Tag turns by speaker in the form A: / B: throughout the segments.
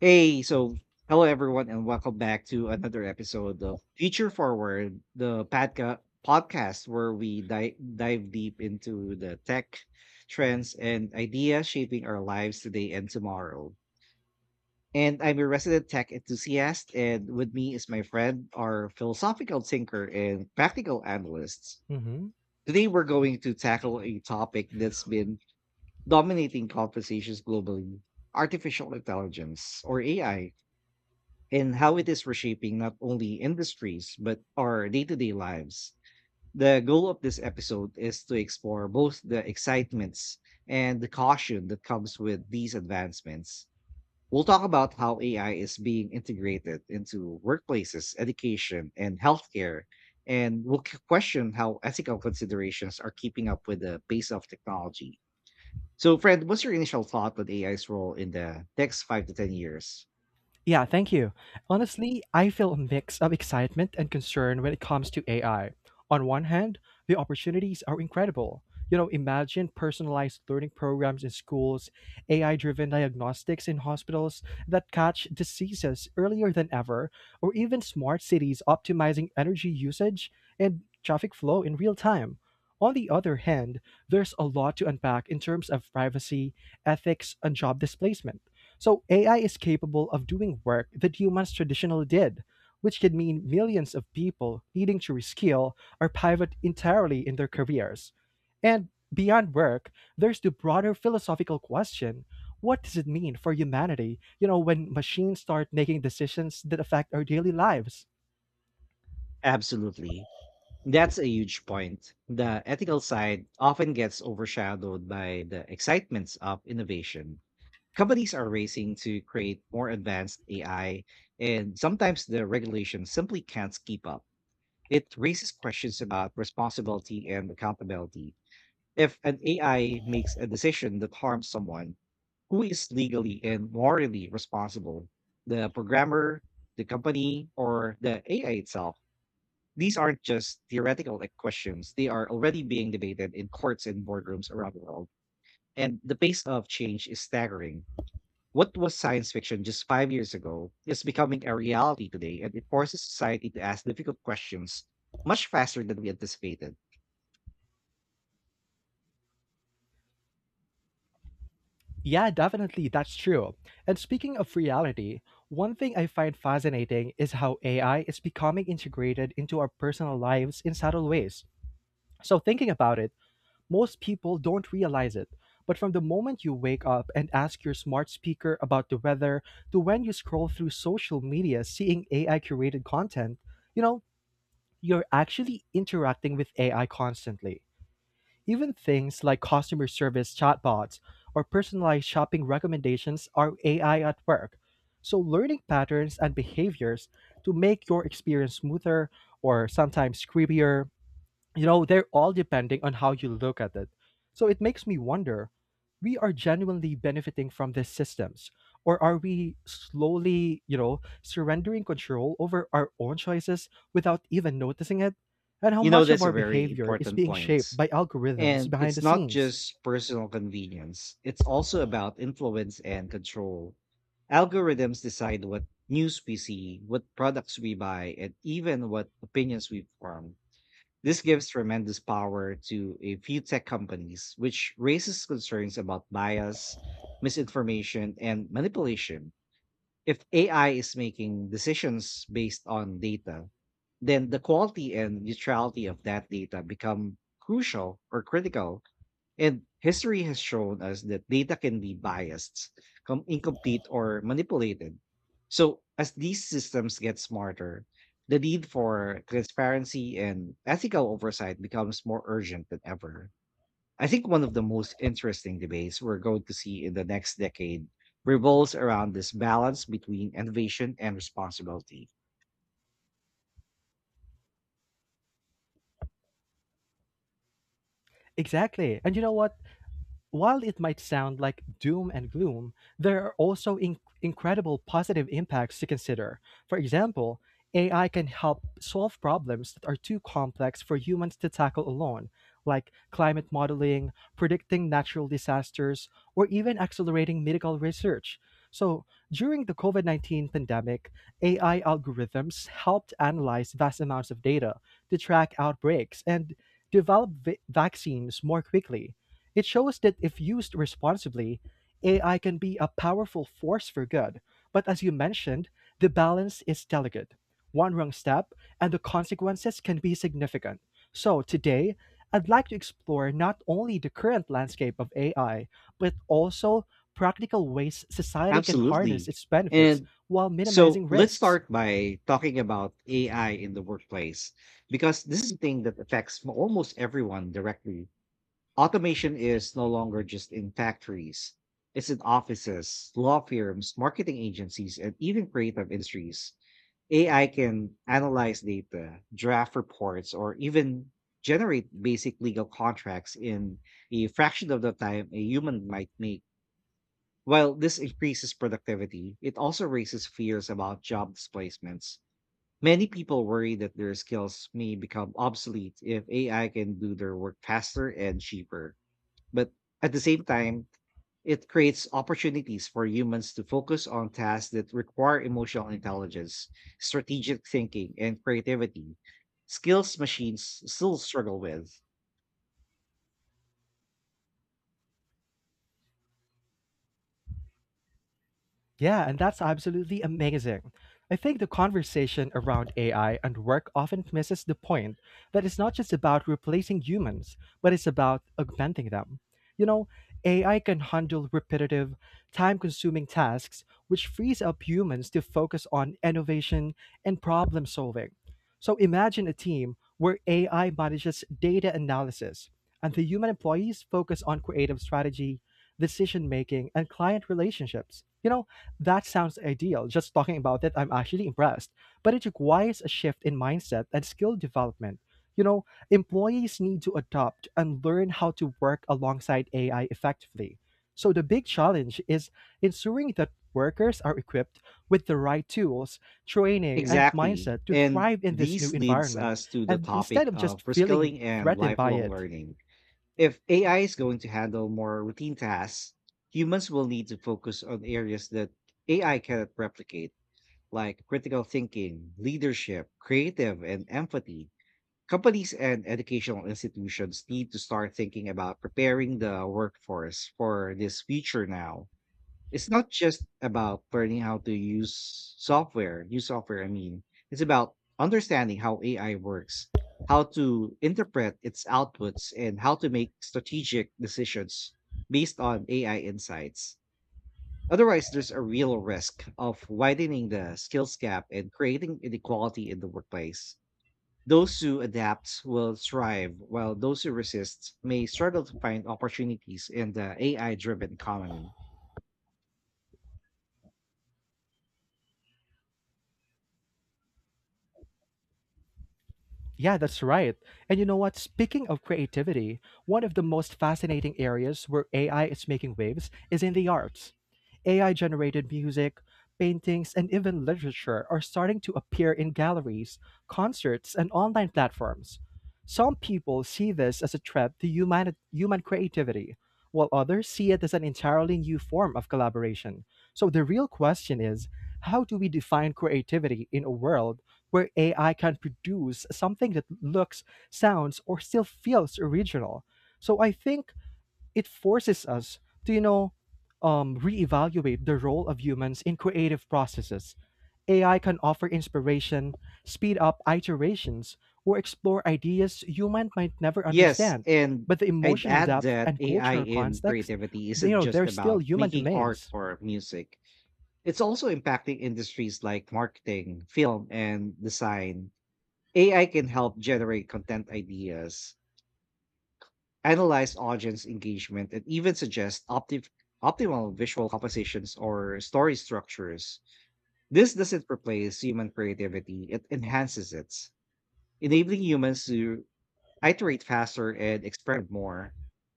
A: Hey, so hello everyone, and welcome back to another episode of Future Forward, the podcast where we dive deep into the tech trends and ideas shaping our lives today and tomorrow. And I'm a resident tech enthusiast, and with me is my friend, our philosophical thinker and practical analyst.
B: Hmm.
A: Today, we're going to tackle a topic that's been dominating conversations globally: artificial intelligence, or AI, and how it is reshaping not only industries but our day to day lives. The goal of this episode is to explore both the excitements and the caution that comes with these advancements. We'll talk about how AI is being integrated into workplaces, education, and healthcare, and we'll question how ethical considerations are keeping up with the pace of technology. So, Fred, what's your initial thought on AI's role in the next five to 10 years?
B: Yeah, thank you. Honestly, I feel a mix of excitement and concern when it comes to AI. On one hand, the opportunities are incredible. You know, imagine personalized learning programs in schools, AI driven diagnostics in hospitals that catch diseases earlier than ever, or even smart cities optimizing energy usage and traffic flow in real time. On the other hand, there's a lot to unpack in terms of privacy, ethics, and job displacement. So AI is capable of doing work that humans traditionally did, which could mean millions of people needing to reskill or pivot entirely in their careers. And beyond work, there's the broader philosophical question, what does it mean for humanity, when machines start making decisions that affect our daily lives?
A: Absolutely. That's a huge point. The ethical side often gets overshadowed by the excitements of innovation. Companies are racing to create more advanced AI, and sometimes the regulation simply can't keep up. It raises questions about responsibility and accountability. If an AI makes a decision that harms someone, who is legally and morally responsible? The programmer, the company, or the AI itself? These aren't just theoretical like questions. They are already being debated in courts and boardrooms around the world. And the pace of change is staggering. What was science fiction just 5 years ago is becoming a reality today, and it forces society to ask difficult questions much faster than we anticipated.
B: Yeah, definitely, that's true. And speaking of reality, one thing I find fascinating is how AI is becoming integrated into our personal lives in subtle ways. So, thinking about it, most people don't realize it. But from the moment you wake up and ask your smart speaker about the weather to when you scroll through social media seeing AI curated content, you know, you're actually interacting with AI constantly. Even things like customer service chatbots or personalized shopping recommendations are AI at work. So, learning patterns and behaviors to make your experience smoother or sometimes creepier, they're all depending on how you look at it. So it makes me wonder, we are genuinely benefiting from these systems, or are we slowly, surrendering control over our own choices without even noticing it? And how
A: You know,
B: much of
A: that's a
B: our
A: very
B: behavior is
A: important
B: being shaped
A: point.
B: by algorithms
A: And
B: behind
A: it's
B: the
A: not
B: scenes?
A: just personal convenience, it's also about influence and control. Algorithms decide what news we see, what products we buy, and even what opinions we form. This gives tremendous power to a few tech companies, which raises concerns about bias, misinformation, and manipulation. If AI is making decisions based on data, then the quality and neutrality of that data become crucial or critical, and history has shown us that data can be biased, incomplete, or manipulated. So, as these systems get smarter, the need for transparency and ethical oversight becomes more urgent than ever. I think one of the most interesting debates we're going to see in the next decade revolves around this balance between innovation and responsibility.
B: Exactly. And you know what? While it might sound like doom and gloom, there are also incredible positive impacts to consider. For example, AI can help solve problems that are too complex for humans to tackle alone, like climate modeling, predicting natural disasters, or even accelerating medical research. So, during the COVID 19 pandemic, AI algorithms helped analyze vast amounts of data to track outbreaks and develop vaccines more quickly. It shows that if used responsibly, AI can be a powerful force for good. But as you mentioned, the balance is delicate. One wrong step, and the consequences can be significant. So today, I'd like to explore not only the current landscape of AI, but also practical ways society can harness
A: Absolutely.
B: its benefits
A: And
B: while
A: So
B: minimizing
A: let's
B: risks.
A: start by talking about AI in the workplace, because this is a thing that affects almost everyone directly. Automation is no longer just in factories, it's in offices, law firms, marketing agencies, and even creative industries. AI can analyze data, draft reports, or even generate basic legal contracts in a fraction of the time a human might make. While this increases productivity, it also raises fears about job displacements. Many people worry that their skills may become obsolete if AI can do their work faster and cheaper. But at the same time, it creates opportunities for humans to focus on tasks that require emotional intelligence, strategic thinking, and creativity, skills machines still struggle with.
B: Yeah, and that's absolutely amazing. I think the conversation around AI and work often misses the point that it's not just about replacing humans, but it's about augmenting them. You know, AI can handle repetitive, time consuming tasks, which frees up humans to focus on innovation and problem solving. So imagine a team where AI manages data analysis and the human employees focus on creative strategy, decision making, and client relationships. You know, that sounds ideal. Just talking about it, I'm actually impressed. But it requires a shift in mindset and skill development. You know, employees need to adopt and learn how to work alongside AI effectively. So the big challenge is ensuring that workers are equipped with the right tools, training, and
A: Exactly.
B: mindset to
A: And
B: thrive in this new
A: this leads
B: environment,
A: us to the
B: and instead
A: topic
B: of just
A: of
B: feeling
A: reskilling and
B: threatened by
A: lifelong
B: it.
A: learning. If AI is going to handle more routine tasks, humans will need to focus on areas that AI cannot replicate, like critical thinking, leadership, creative, and empathy. Companies and educational institutions need to start thinking about preparing the workforce for this future now. It's not just about learning how to use software, I mean. It's about understanding how AI works, how to interpret its outputs, and how to make strategic decisions based on AI insights. Otherwise, there's a real risk of widening the skills gap and creating inequality in the workplace. Those who adapt will thrive, while those who resist may struggle to find opportunities in the AI driven economy.
B: Yeah, that's right. And you know what? Speaking of creativity, one of the most fascinating areas where AI is making waves is in the arts. AI generated music, paintings, and even literature are starting to appear in galleries, concerts, and online platforms. Some people see this as a threat to human creativity, while others see it as an entirely new form of collaboration. So the real question is, how do we define creativity in a world where AI can produce something that looks, sounds, or still feels original? So I think it forces us to, reevaluate the role of humans in creative processes. AI can offer inspiration, speed up iterations, or explore ideas human might never
A: Yes,
B: understand.
A: and
B: But the
A: I'd
B: emotional
A: add
B: depth
A: that
B: and
A: AI
B: cultural
A: in
B: context,
A: creativity isn't just
B: they're still
A: about
B: human
A: making art
B: domains.
A: or music. It's also impacting industries like marketing, film, and design. AI can help generate content ideas, analyze audience engagement, and even suggest optimal visual compositions or story structures. This doesn't replace human creativity, it enhances it, enabling humans to iterate faster and experiment more.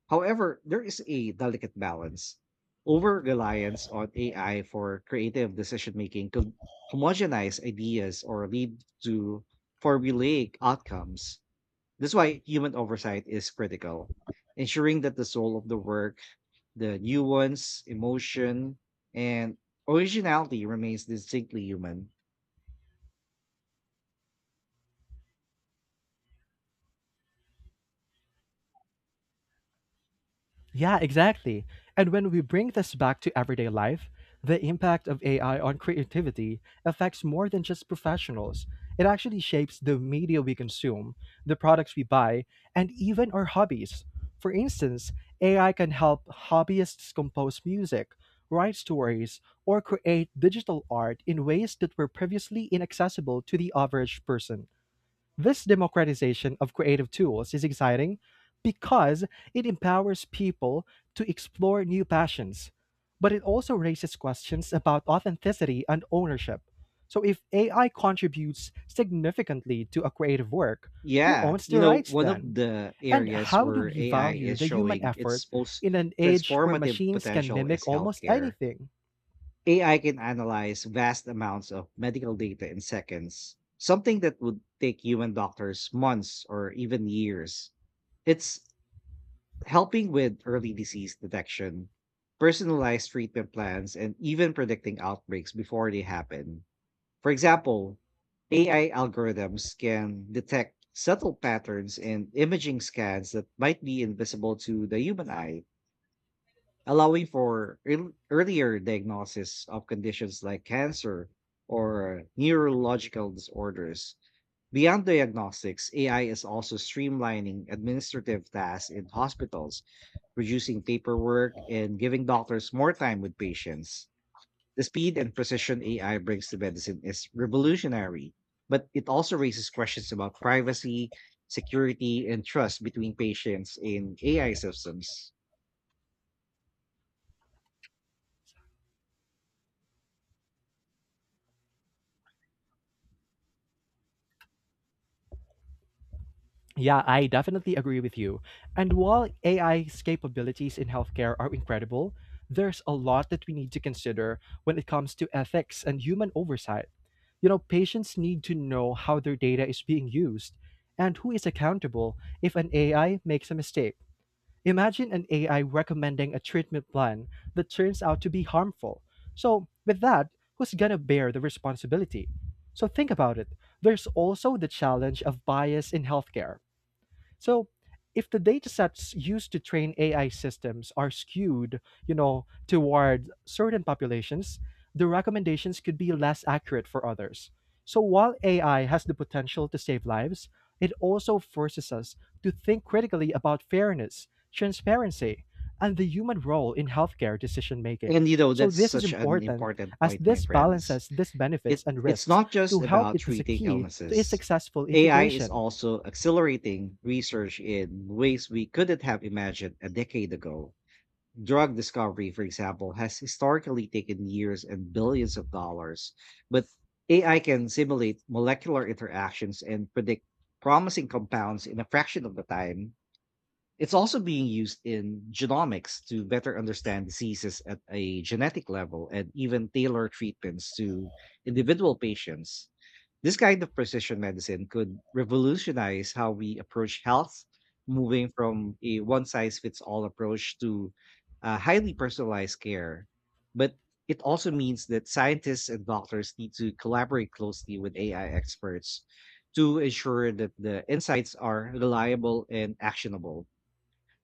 A: However, there is a delicate balance. Over reliance on AI for creative decision making could homogenize ideas or lead to formulaic outcomes. That's why human oversight is critical, ensuring that the soul of the work, the nuance, emotion, and originality remains distinctly human.
B: Yeah, exactly. And when we bring this back to everyday life, the impact of AI on creativity affects more than just professionals. It actually shapes the media we consume, the products we buy, and even our hobbies. For instance, AI can help hobbyists compose music, write stories, or create digital art in ways that were previously inaccessible to the average person. This democratization of creative tools is exciting because it empowers people to explore new passions, but it also raises questions about authenticity and ownership. So, if AI contributes significantly to a creative work, who
A: Yeah,
B: owns
A: you
B: the
A: know,
B: rights
A: one of
B: then?
A: the
B: And
A: areas
B: how do
A: where
B: we
A: AI
B: value
A: is
B: the human
A: showing
B: effort
A: its most
B: in an age where
A: transformative
B: machines can
A: potential is
B: mimic almost
A: healthcare.
B: anything?
A: AI can analyze vast amounts of medical data in seconds, something that would take human doctors months or even years. It's helping with early disease detection, personalized treatment plans, and even predicting outbreaks before they happen. For example, AI algorithms can detect subtle patterns in imaging scans that might be invisible to the human eye, allowing for earlier diagnosis of conditions like cancer or neurological disorders. Beyond diagnostics, AI is also streamlining administrative tasks in hospitals, reducing paperwork and giving doctors more time with patients. The speed and precision AI brings to medicine is revolutionary, but it also raises questions about privacy, security, and trust between patients in AI systems.
B: Yeah, I definitely agree with you. And while AI's capabilities in healthcare are incredible, there's a lot that we need to consider when it comes to ethics and human oversight. You know, patients need to know how their data is being used and who is accountable if an AI makes a mistake. Imagine an AI recommending a treatment plan that turns out to be harmful. So, with that, who's gonna bear the responsibility? So, think about it. There's also the challenge of bias in healthcare. So if the data sets used to train AI systems are skewed, toward certain populations, the recommendations could be less accurate for others. So while AI has the potential to save lives, it also forces us to think critically about fairness, transparency, and the human role in healthcare decision making.
A: And you know,
B: So
A: that's
B: this is
A: such an
B: important
A: important
B: as
A: point, my
B: this
A: friends.
B: balances these benefits
A: It
B: and
A: it's
B: risks
A: not just
B: to help
A: about
B: it as a
A: treating
B: key to its
A: illnesses.
B: successful
A: AI is
B: integration.
A: also accelerating research in ways we couldn't have imagined a decade ago. Drug discovery, for example, has historically taken years and billions of dollars, but AI can simulate molecular interactions and predict promising compounds in a fraction of the time. It's also being used in genomics to better understand diseases at a genetic level and even tailor treatments to individual patients. This kind of precision medicine could revolutionize how we approach health, moving from a one size fits all approach to highly personalized care. But it also means that scientists and doctors need to collaborate closely with AI experts to ensure that the insights are reliable and actionable.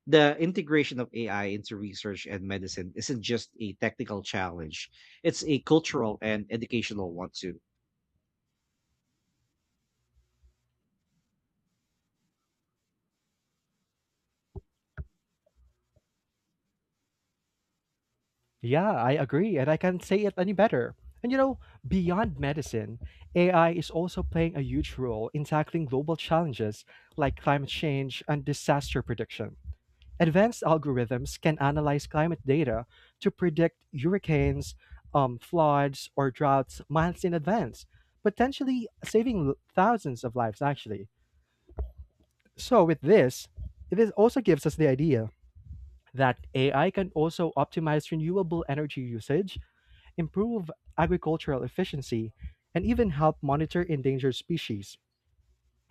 A: The integration of AI into research and medicine isn't just a technical challenge, it's a cultural and educational one too.
B: Yeah, I agree, and I can't say it any better. And you know, beyond medicine, AI is also playing a huge role in tackling global challenges like climate change and disaster prediction. Advanced algorithms can analyze climate data to predict hurricanes, floods, or droughts months in advance, potentially saving thousands of lives, actually. So, with this, this also gives us the idea that AI can also optimize renewable energy usage, improve agricultural efficiency, and even help monitor endangered species.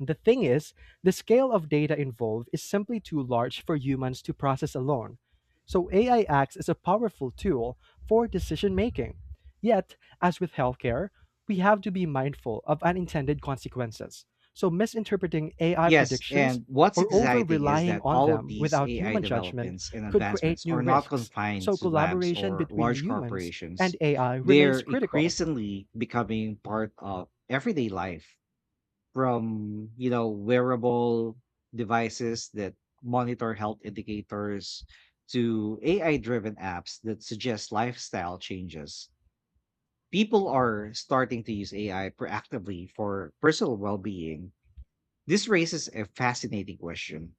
B: The thing is, the scale of data involved is simply too large for humans to process alone. So AI acts as a powerful tool for decision making. Yet, as with healthcare, we have to be mindful of unintended consequences. So, misinterpreting AI
A: Yes,
B: predictions
A: and what's
B: or over
A: exciting is
B: relying
A: that
B: on
A: all of
B: them
A: these
B: without
A: AI
B: human judgment
A: developments and
B: could create
A: advancements
B: new
A: are not
B: risks.
A: confined
B: So,
A: to labs
B: collaboration
A: or
B: between
A: large
B: humans and
A: corporations.
B: AI
A: They're
B: remains critical.
A: increasingly becoming part of everyday life, from, you know, wearable devices that monitor health indicators to AI-driven apps that suggest lifestyle changes. People are starting to use AI proactively for personal well-being. This raises a fascinating question: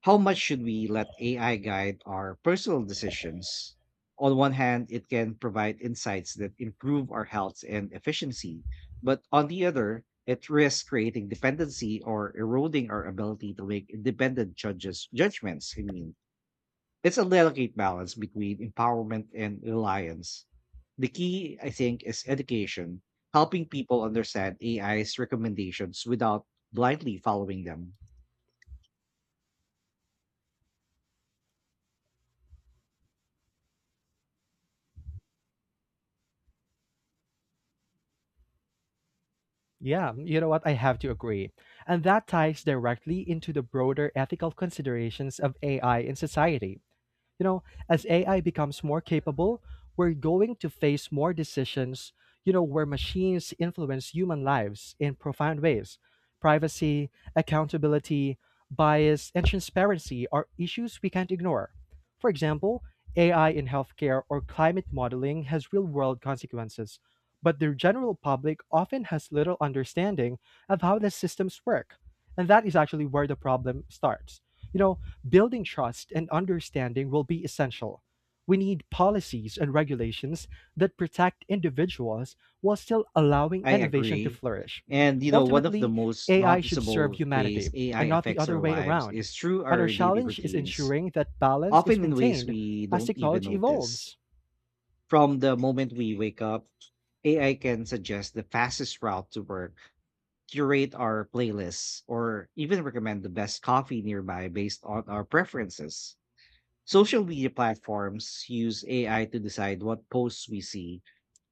A: how much should we let AI guide our personal decisions? On one hand, it can provide insights that improve our health and efficiency, but on the other, it risks creating dependency or eroding our ability to make independent judges judgments. I mean, it's a delicate balance between empowerment and reliance. The key, I think, is education, helping people understand AI's recommendations without blindly following them.
B: Yeah, you know what? I have to agree. And that ties directly into the broader ethical considerations of AI in society. You know, as AI becomes more capable, we're going to face more decisions, where machines influence human lives in profound ways. Privacy, accountability, bias, and transparency are issues we can't ignore. For example, AI in healthcare or climate modeling has real world consequences, but the general public often has little understanding of how the systems work. And that is actually where the problem starts. You know, building trust and understanding will be essential. We need policies and regulations that protect individuals while still allowing
A: I
B: innovation to
A: agree.
B: flourish.
A: And you know, one of the
B: Ultimately,
A: most
B: AI should serve
A: noticeable ways
B: humanity
A: AI
B: and not the
A: affects
B: other
A: our
B: way
A: lives
B: around.
A: is through
B: And our
A: our daily
B: challenge is
A: routines,
B: ensuring that balance is
A: often in ways
B: maintained
A: we
B: as
A: don't even
B: technology
A: notice.
B: evolves.
A: From the moment we wake up, AI can suggest the fastest route to work, curate our playlists, or even recommend the best coffee nearby based on our preferences. Social media platforms use AI to decide what posts we see,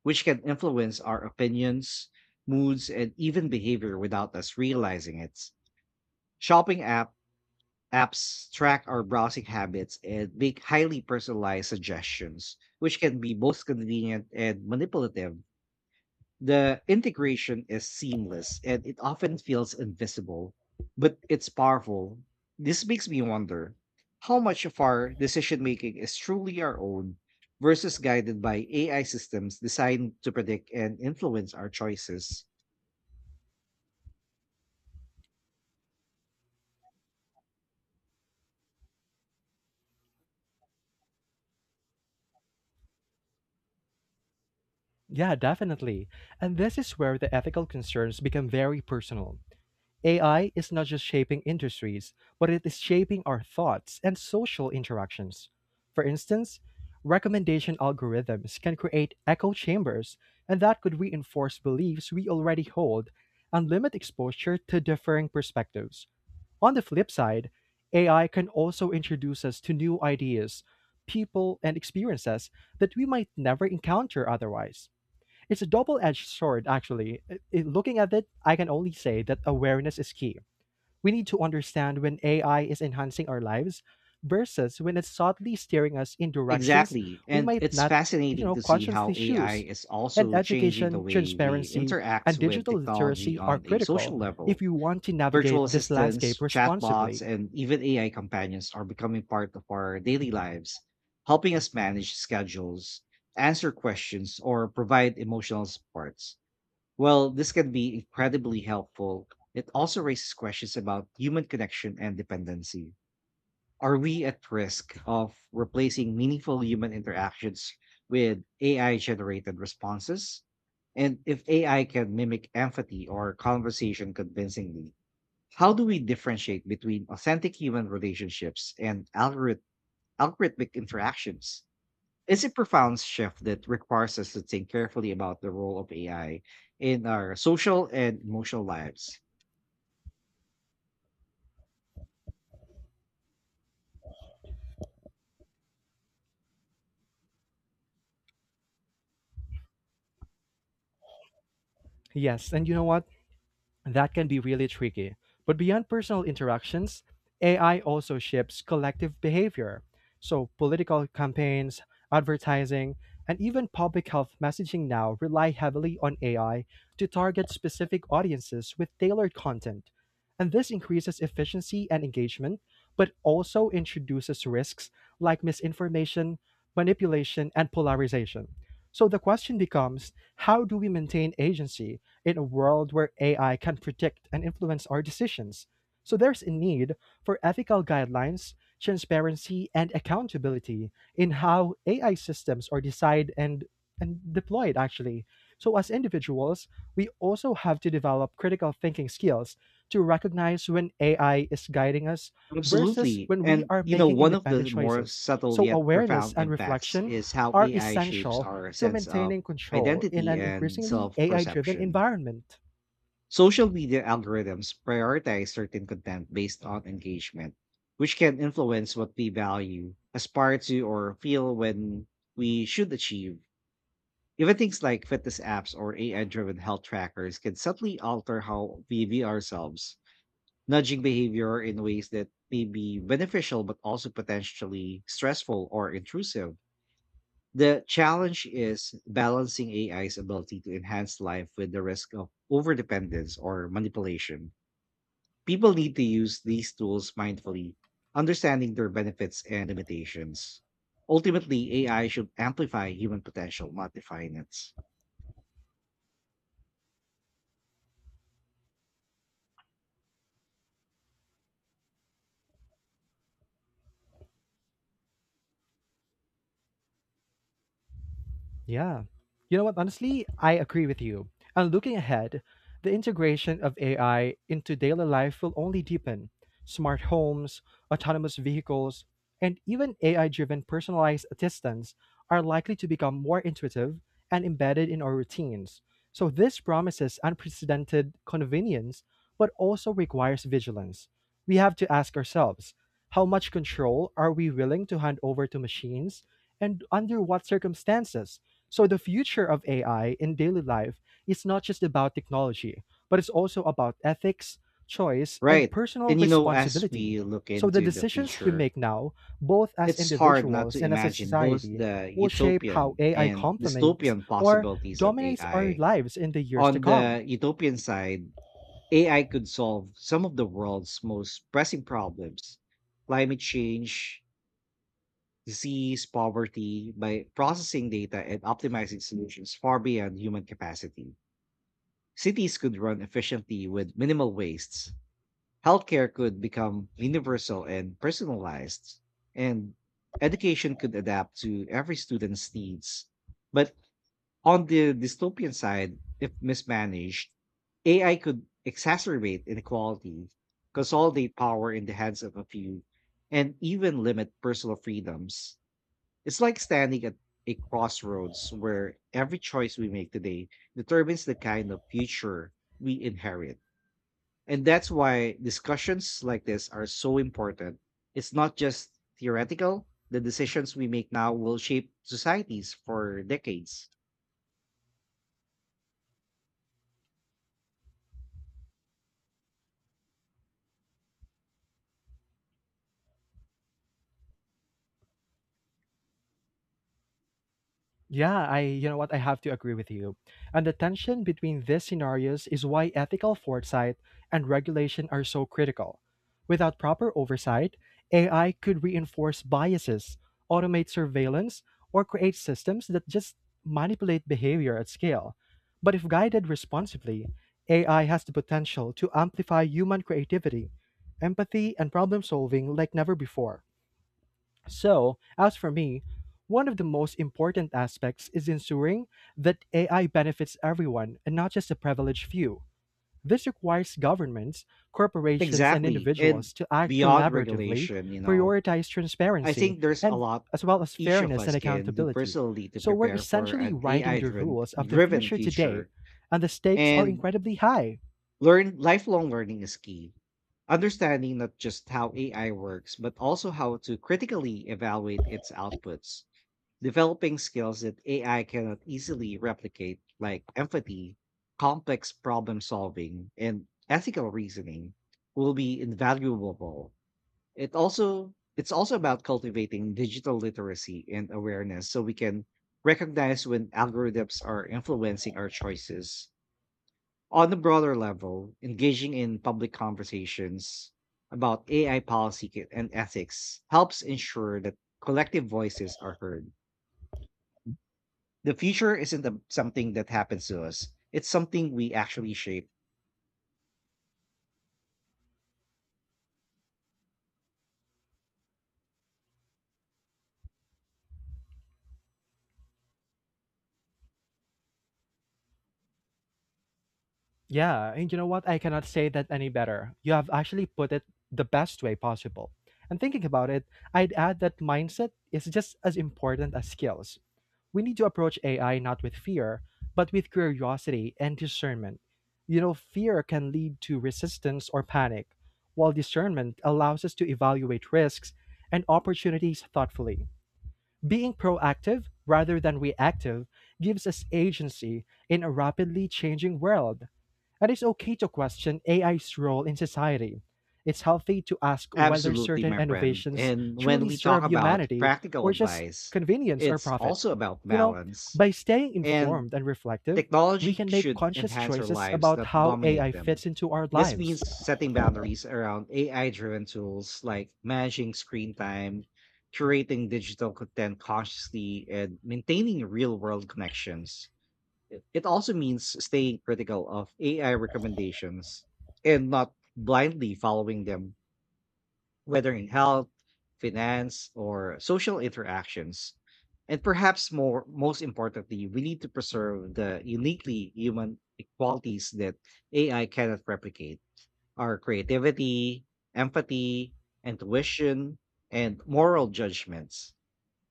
A: which can influence our opinions, moods, and even behavior without us realizing it. Shopping apps track our browsing habits and make highly personalized suggestions, which can be both convenient and manipulative. The integration is seamless and it often feels invisible, but it's powerful. This makes me wonder how much of our decision making is truly our own versus guided by AI systems designed to predict and influence our choices.
B: Yeah, definitely. And this is where the ethical concerns become very personal. AI is not just shaping industries, but it is shaping our thoughts and social interactions. For instance, recommendation algorithms can create echo chambers, and that could reinforce beliefs we already hold and limit exposure to differing perspectives. On the flip side, AI can also introduce us to new ideas, people, and experiences that we might never encounter otherwise. It's a double-edged sword actually. Looking at it, I can only say that awareness is key. We need to understand when AI is enhancing our lives versus when it's subtly steering us in directions
A: Exactly.
B: we
A: And
B: might
A: it's
B: not,
A: fascinating to see how
B: consciously
A: AI
B: choose.
A: is
B: And
A: also changing the
B: education,
A: way we
B: transparency, and
A: interact with
B: digital
A: technology
B: literacy are
A: on a
B: critical
A: social
B: if
A: level.
B: you want to navigate
A: Virtual
B: this landscape
A: assistants, chatbots,
B: responsibly.
A: and even AI companions are becoming part of our daily lives, helping us manage schedules, answer questions, or provide emotional supports. While this can be incredibly helpful, it also raises questions about human connection and dependency. Are we at risk of replacing meaningful human interactions with AI generated responses? And if AI can mimic empathy or conversation convincingly, how do we differentiate between authentic human relationships and algorithmic interactions? It's a profound shift that requires us to think carefully about the role of AI in our social and emotional lives.
B: Yes, and you know what? That can be really tricky. But beyond personal interactions, AI also shapes collective behavior. So, political campaigns, advertising, and even public health messaging now rely heavily on AI to target specific audiences with tailored content. And this increases efficiency and engagement, but also introduces risks like misinformation, manipulation, and polarization. So, the question becomes, how do we maintain agency in a world where AI can predict and influence our decisions? So there's a need for ethical guidelines, transparency, and accountability in how AI systems are designed and deployed, actually. So, as individuals, we also have to develop critical thinking skills to recognize when AI is guiding us versus
A: Absolutely.
B: when we
A: And,
B: are
A: you know,
B: making
A: one of
B: independent
A: the more
B: choices.
A: subtle
B: So,
A: yet
B: awareness
A: profound
B: and
A: impacts
B: reflection
A: is how
B: are
A: AI shapes
B: essential
A: our
B: to
A: sense of
B: maintaining control in
A: identity
B: an
A: and
B: increasingly
A: self
B: AI driven
A: perception.
B: environment.
A: Social media algorithms prioritize certain content based on engagement, which can influence what we value, aspire to, or feel when we should achieve. Even things like fitness apps or AI driven health trackers can subtly alter how we view ourselves, nudging behavior in ways that may be beneficial but also potentially stressful or intrusive. The challenge is balancing AI's ability to enhance life with the risk of overdependence or manipulation. People need to use these tools mindfully, understanding their benefits and limitations. Ultimately, AI should amplify human potential, not define it.
B: Yeah. You know what? Honestly, I agree with you. And looking ahead, the integration of AI into daily life will only deepen. Smart homes, autonomous vehicles, and even AI driven personalized assistants are likely to become more intuitive and embedded in our routines. So this promises unprecedented convenience, but also requires vigilance. We have to ask ourselves, how much control are we willing to hand over to machines, and under what circumstances? So the future of AI in daily life is not just about technology, but it's also about ethics, choice, and
A: Right.
B: personal
A: As
B: responsibility.
A: we look
B: So the
A: into the
B: decisions we
A: future,
B: make now, both as
A: it's hard not
B: individuals
A: to
B: and as a
A: imagine both
B: society,
A: the
B: will shape how
A: utopian
B: AI
A: and
B: complements
A: dystopian
B: or
A: possibilities of
B: dominates our
A: AI.
B: lives in the years to
A: On
B: come.
A: the utopian side, AI could solve some of the world's most pressing problems: climate change, disease, poverty, by processing data and optimizing solutions far beyond human capacity. Cities could run efficiently with minimal wastes. Healthcare could become universal and personalized, and education could adapt to every student's needs. But on the dystopian side, if mismanaged, AI could exacerbate inequality, consolidate power in the hands of a few, and even limit personal freedoms. It's like standing at a crossroads where every choice we make today determines the kind of future we inherit. And that's why discussions like this are so important. It's not just theoretical; the decisions we make now will shape societies for decades.
B: Yeah, I you know what, I have to agree with you. And the tension between these scenarios is why ethical foresight and regulation are so critical. Without proper oversight, AI could reinforce biases, automate surveillance, or create systems that just manipulate behavior at scale. But if guided responsibly, AI has the potential to amplify human creativity, empathy, and problem solving like never before. So, as for me, one of the most important aspects is ensuring that AI benefits everyone and not just a privileged few. This requires governments, corporations, and
A: Exactly. And
B: individuals to act
A: beyond
B: collaboratively,
A: regulation, you know,
B: prioritize
A: I
B: transparency,
A: think there's a
B: and
A: lot
B: as well as
A: each of
B: fairness
A: us
B: and
A: can do
B: accountability.
A: personally to
B: So we're
A: prepare for
B: essentially
A: an
B: writing
A: AI
B: the
A: driven
B: rules of the
A: driven
B: future today,
A: future.
B: and the stakes are
A: And
B: incredibly high.
A: Learn lifelong learning is key. Understanding not just how AI works, but also how to critically evaluate its outputs. Developing skills that AI cannot easily replicate, like empathy, complex problem solving, and ethical reasoning, will be invaluable. It's also about cultivating digital literacy and awareness, so we can recognize when algorithms are influencing our choices. On a broader level, engaging in public conversations about AI policy and ethics helps ensure that collective voices are heard. The future isn't something that happens to us; it's something we actually shape.
B: Yeah, and you know what? I cannot say that any better. You have actually put it the best way possible. And thinking about it, I'd add that mindset is just as important as skills. We need to approach AI not with fear, but with curiosity and discernment. You know, fear can lead to resistance or panic, while discernment allows us to evaluate risks and opportunities thoughtfully. Being proactive rather than reactive gives us agency in a rapidly changing world. And it's okay to question AI's role in society. It's healthy to ask whether
A: Absolutely,
B: certain
A: my friend.
B: innovations
A: And when
B: truly
A: we talk
B: serve
A: about
B: humanity
A: practical
B: or just
A: advice,
B: convenience or
A: it's
B: profit.
A: also about
B: You know,
A: balance,
B: by staying
A: and
B: informed and reflective, we
A: technology
B: can make
A: should
B: conscious
A: enhance our
B: choices
A: lives,
B: about
A: not
B: how
A: dominate
B: AI
A: them.
B: fits into our
A: This means
B: lives.
A: setting boundaries around AI driven tools, like managing screen time, curating digital content consciously, and maintaining real world connections. It also means staying critical of AI recommendations and not blindly following them, whether in health, finance, or social interactions. And most importantly, we need to preserve the uniquely human qualities that AI cannot replicate: our creativity, empathy, intuition, and moral judgments.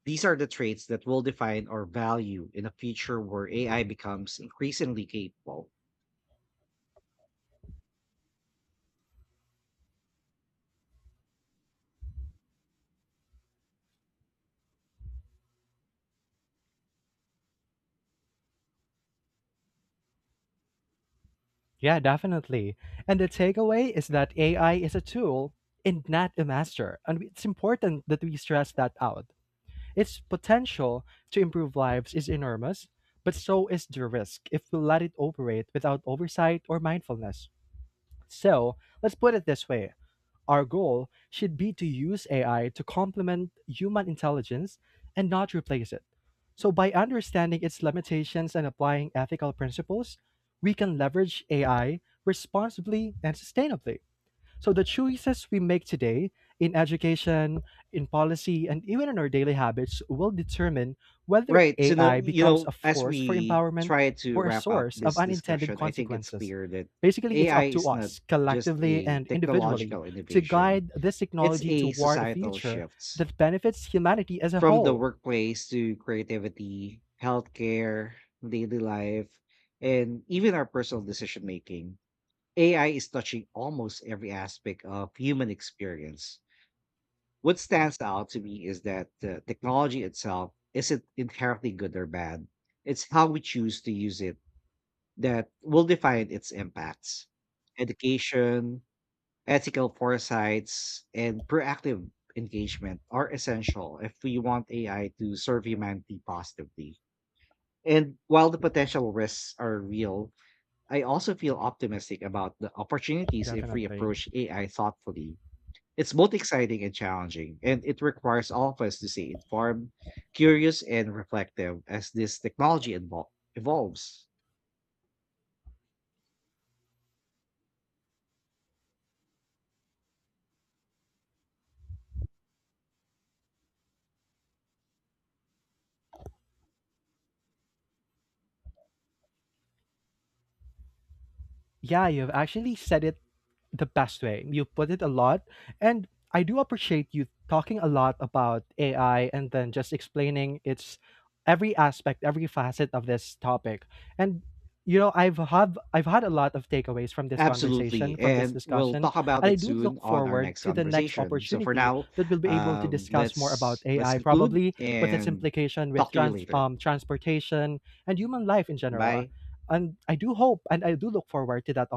A: These are the traits that will define our value in a future where AI becomes increasingly capable.
B: Yeah, definitely. And the takeaway is that AI is a tool and not a master. And it's important that we stress that out. Its potential to improve lives is enormous, but so is the risk if we let it operate without oversight or mindfulness. So, let's put it this way: our goal should be to use AI to complement human intelligence and not replace it. So, by understanding its limitations and applying ethical principles, we can leverage AI responsibly and sustainably. So the choices we make today, in education, in policy, and even in our daily habits, will determine whether
A: Right. So now,
B: AI
A: you
B: becomes
A: know,
B: a
A: as
B: force for
A: we
B: empowerment
A: try to
B: or a
A: wrap up
B: source of
A: this
B: unintended
A: discussion, I think it's
B: consequences.
A: clear that
B: Basically, it's
A: AI
B: up to
A: is not
B: us,
A: just
B: collectively
A: a
B: and individually,
A: technological
B: to
A: innovation.
B: guide this
A: It's
B: technology
A: a
B: toward a
A: societal
B: future
A: shift.
B: that benefits humanity as a
A: From the
B: whole.
A: workplace to creativity, healthcare, daily life, and even our personal decision making, AI is touching almost every aspect of human experience. What stands out to me is that the technology itself isn't inherently good or bad. It's how we choose to use it that will define its impacts. Education, ethical foresights, and proactive engagement are essential if we want AI to serve humanity positively. And while the potential risks are real, I also feel optimistic about the opportunities if we
B: Definitely.
A: approach AI thoughtfully. It's both exciting and challenging, and it requires all of us to stay informed, curious, and reflective as this technology evolves.
B: Yeah, you've actually said it the best way. You put it a lot. And I do appreciate you talking a lot about AI and then just explaining its every aspect, every facet of this topic. And you know, I've had a lot of takeaways from this
A: Absolutely.
B: conversation, from this
A: And we'll
B: discussion,
A: talk about
B: and I
A: it
B: do look
A: soon on our
B: forward
A: next
B: to the next
A: conversation. So for
B: opportunity
A: now,
B: that we'll be able to discuss more about
A: let's
B: AI,
A: conclude
B: probably with its
A: and
B: implication
A: talk
B: with
A: to you later.
B: transportation and human life in general.
A: Bye.
B: And I do hope and I do look forward to that